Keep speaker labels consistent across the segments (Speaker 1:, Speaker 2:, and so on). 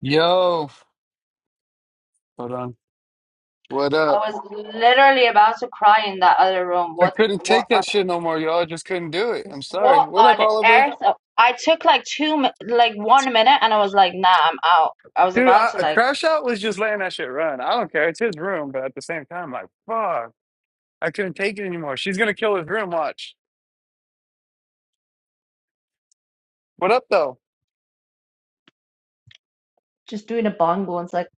Speaker 1: Yo, hold on. What
Speaker 2: I
Speaker 1: up?
Speaker 2: was literally about to cry in that other room.
Speaker 1: I
Speaker 2: What
Speaker 1: couldn't
Speaker 2: what
Speaker 1: take
Speaker 2: on
Speaker 1: that shit no more, y'all. I just couldn't do it. I'm sorry.
Speaker 2: what
Speaker 1: What up,
Speaker 2: on
Speaker 1: Oliver?
Speaker 2: earth? I took like two mi- like one minute and I was like, nah, I'm out. I was
Speaker 1: Dude,
Speaker 2: about
Speaker 1: I,
Speaker 2: to
Speaker 1: a
Speaker 2: like
Speaker 1: crash out was just letting that shit run. I don't care. It's his room, but at the same time, like, fuck. I couldn't take it anymore. She's gonna kill his room. Watch. What up, though?
Speaker 2: Just doing a bongo and it's like,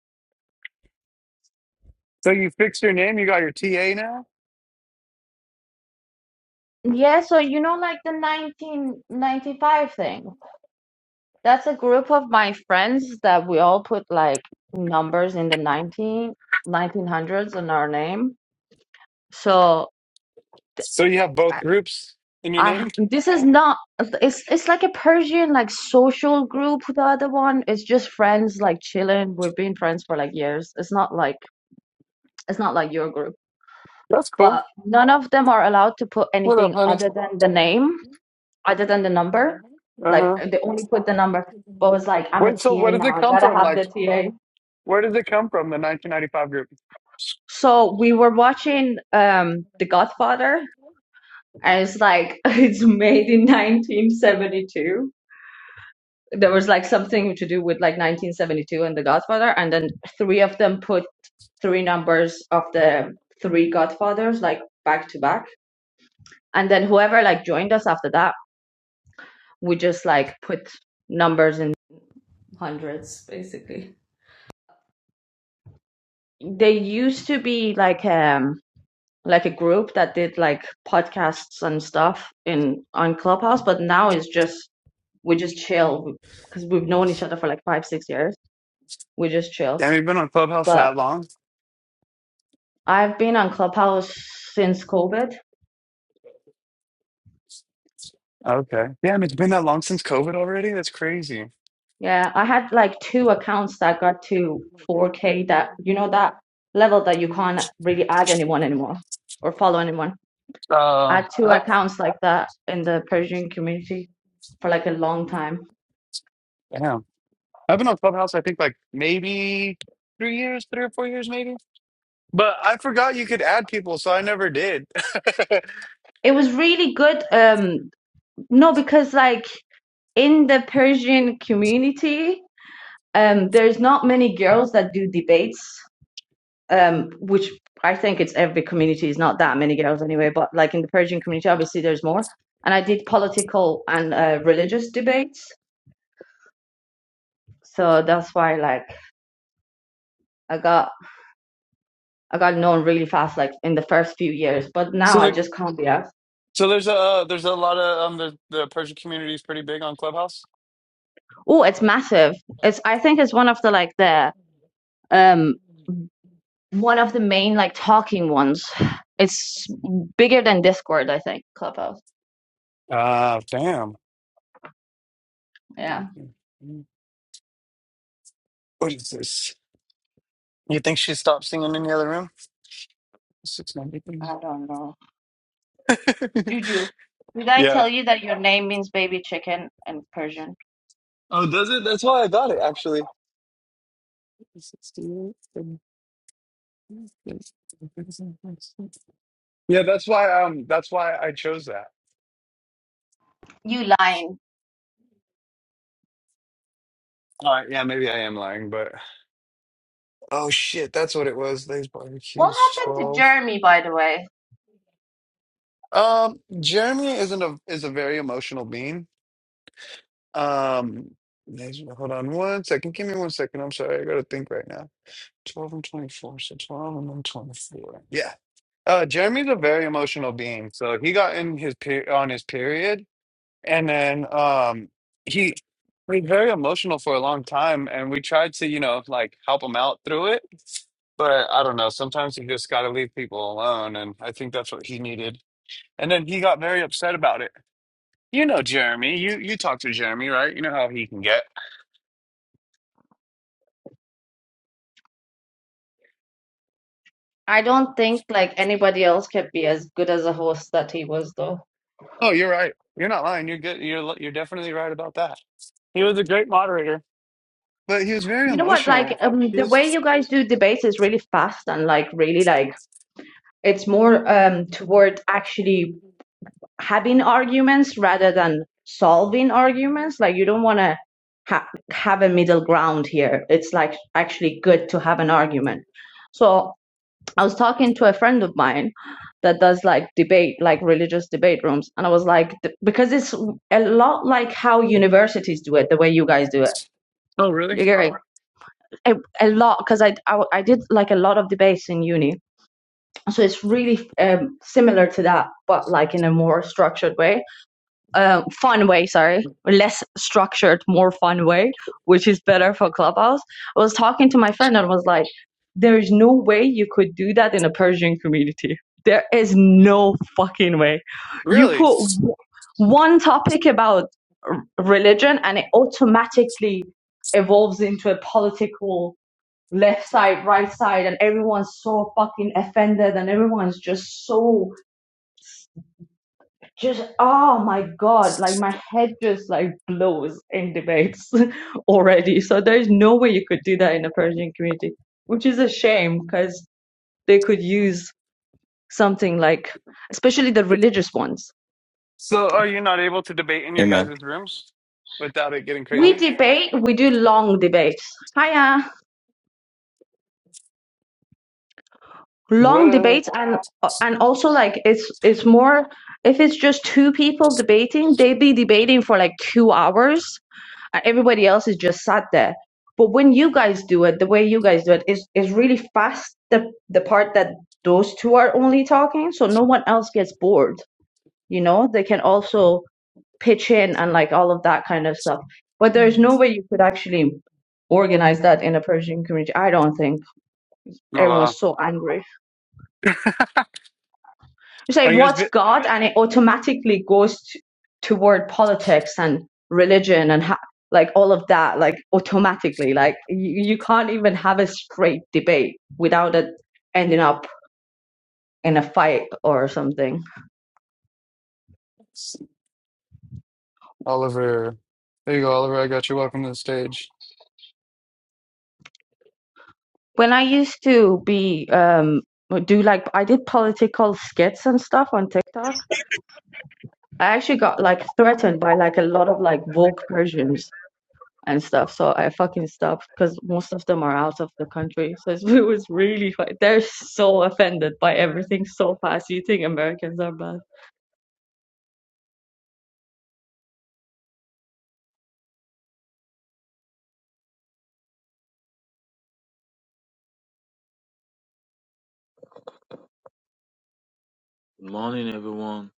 Speaker 1: So you fixed your name. You got your TA now.
Speaker 2: yeah, so you know, like the 1995 thing. That's a group of my friends that we all put like numbers in the nineteen nineteen hundreds in our name. So
Speaker 1: So you have
Speaker 2: I
Speaker 1: both groups in your
Speaker 2: I
Speaker 1: name.
Speaker 2: ha- this is not it's it's like a Persian like social group. The other one is just friends like chilling. We've been friends for like years. It's not like it's not like your group.
Speaker 1: That's cool.
Speaker 2: But none of them are allowed to put
Speaker 1: What up,
Speaker 2: anything
Speaker 1: honey?
Speaker 2: other than the name, other than the number.
Speaker 1: Uh
Speaker 2: Like
Speaker 1: huh.
Speaker 2: they only put the number. But it was like I'm a
Speaker 1: Wait. So where
Speaker 2: TA
Speaker 1: does
Speaker 2: now.
Speaker 1: it
Speaker 2: I
Speaker 1: come
Speaker 2: gotta
Speaker 1: from?
Speaker 2: have
Speaker 1: Like,
Speaker 2: the TA.
Speaker 1: where does it come from? The 1995 group.
Speaker 2: So we were watching um The Godfather, and it's like it's made in 1972 there was like something to do with like 1972 and The Godfather, and then three of them put three numbers of the three Godfathers like back to back, and then whoever like joined us after that, we just like put numbers in hundreds basically. They used to be like um like a group that did like podcasts and stuff in on Clubhouse, but now it's just we just chill because we've known each other for like five six years. We just chill,
Speaker 1: Damn, you've been on Clubhouse
Speaker 2: but
Speaker 1: that long.
Speaker 2: I've been on Clubhouse since COVID.
Speaker 1: Okay. Damn, it's been that long since COVID already? That's crazy.
Speaker 2: Yeah, I had like two accounts that got to 4K that, you know, that level that you can't really add anyone anymore or follow anyone. I
Speaker 1: Uh,
Speaker 2: had two
Speaker 1: I,
Speaker 2: accounts like that in the Persian community for like a long time.
Speaker 1: damn. I've been on Clubhouse, I think, like maybe three years, three or four years, maybe. But I forgot you could add people, so I never did.
Speaker 2: It was really good. Um, no, because like in the Persian community, um, there's not many girls that do debates um, which I think it's every community is not that many girls anyway, but like in the Persian community, obviously there's more. And I did political and uh, religious debates, so that's why like I got I got known really fast, like in the first few years. But now
Speaker 1: so
Speaker 2: I
Speaker 1: like,
Speaker 2: just can't be asked.
Speaker 1: so there's a uh, there's a lot of um the the Persian community is pretty big on Clubhouse.
Speaker 2: Oh, it's massive. It's I think it's one of the like the um one of the main like talking ones. It's bigger than Discord, I think. Clubhouse.
Speaker 1: Ah, damn.
Speaker 2: Yeah.
Speaker 1: What is this? You think she stopped singing in the other room? Six ninety
Speaker 2: I
Speaker 1: three.
Speaker 2: don't know. Juju, did I
Speaker 1: Yeah.
Speaker 2: tell you that your name means baby chicken in Persian?
Speaker 1: Oh, does it? That's why I got it, actually. sixty-eight, Yeah, that's why. Um, that's why I chose that.
Speaker 2: You lying.
Speaker 1: All right. Yeah, maybe I am lying, but oh shit, that's what it was. These
Speaker 2: What
Speaker 1: barbecues
Speaker 2: happened to
Speaker 1: twelve.
Speaker 2: Jeremy, by the way?
Speaker 1: Um, Jeremy isn't a is a very emotional being. Um, there's- hold on one second. Give me one second. I'm sorry. I gotta think right now. Twelve and twenty four. So twelve and then twenty four. Yeah. Uh, Jeremy's a very emotional being, so he got in his per on his period, and then um, he was very emotional for a long time, and we tried to, you know, like help him out through it, but I don't know. Sometimes you just got to leave people alone, and I think that's what he needed. And then he got very upset about it. You know, Jeremy, you you talk to Jeremy, right? You know how he can get.
Speaker 2: I don't think like anybody else could be as good as a host that he was, though.
Speaker 1: Oh, you're right. You're not lying. You're good. You're you're definitely right about that. He was a great moderator, but he was very
Speaker 2: You know what? Like
Speaker 1: emotional.
Speaker 2: um,
Speaker 1: He
Speaker 2: the way
Speaker 1: was.
Speaker 2: you guys do debates is really fast and like really like it's more um toward actually having arguments rather than solving arguments. Like you don't want to ha- have a middle ground here. It's like actually good to have an argument. So I was talking to a friend of mine that does like debate, like religious debate rooms, and I was like, th- because it's a lot like how universities do it, the way you guys do it.
Speaker 1: Oh, really?
Speaker 2: You get it? A, a lot, because I, I I did like a lot of debates in uni, so it's really um, similar to that, but like in a more structured way uh, fun way, sorry, less structured, more fun way, which is better for Clubhouse. I was talking to my friend and was like, there is no way you could do that in a Persian community. There is no fucking way. You
Speaker 1: Really?
Speaker 2: put w- one topic about r- religion and it automatically evolves into a political left side, right side, and everyone's so fucking offended and everyone's just so just oh my god like my head just like blows in debates already so there's no way you could do that in a persian community which is a shame because they could use something like especially the religious ones
Speaker 1: So, are you not able to debate in your
Speaker 3: Amen.
Speaker 1: guys' rooms without it getting
Speaker 2: we
Speaker 1: crazy?
Speaker 2: debate we do long debates hiya
Speaker 1: What
Speaker 2: long
Speaker 1: a. Oh,
Speaker 2: debates and and also like it's it's more if it's just two people debating they'd be debating for like two hours Uh, Everybody else is just sat there. But when you guys do it, the way you guys do it is is really fast. The the part that those two are only talking, so no one else gets bored. You know, they can also pitch in and like all of that kind of stuff. But there's no way you could actually organize that in a Persian community. I don't think
Speaker 1: wow.
Speaker 2: everyone's so angry. you say
Speaker 1: Are you guys
Speaker 2: what's
Speaker 1: bit?
Speaker 2: God, and it automatically goes t- toward politics and religion and ha- like all of that, like automatically. Like you, you can't even have a straight debate without it ending up in a fight or something.
Speaker 1: Oliver, there you go, Oliver. I got you. Welcome to the stage.
Speaker 2: When I used to be um do like I did political skits and stuff on TikTok. I actually got like threatened by like a lot of like woke Persians and stuff. So I fucking stopped because most of them are out of the country. So it's, it was really fu- they're so offended by everything so fast. You think Americans are bad?
Speaker 4: Good morning, everyone.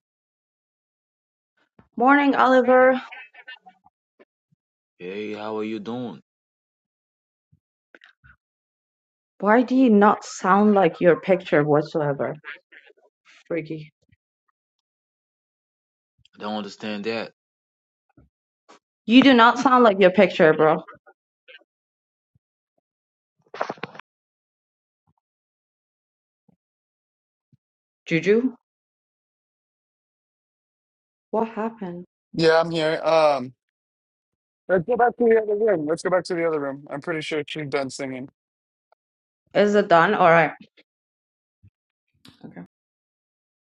Speaker 2: Morning, Oliver.
Speaker 4: Hey, how are you doing?
Speaker 2: Why do you not sound like your picture whatsoever? Freaky.
Speaker 4: I don't understand that.
Speaker 2: You do not sound like your picture, bro. Juju, what happened?
Speaker 1: Yeah, I'm here. Um, let's go back to the other room. Let's go back to the other room. I'm pretty sure she's done singing.
Speaker 2: Is it done? All right. Okay.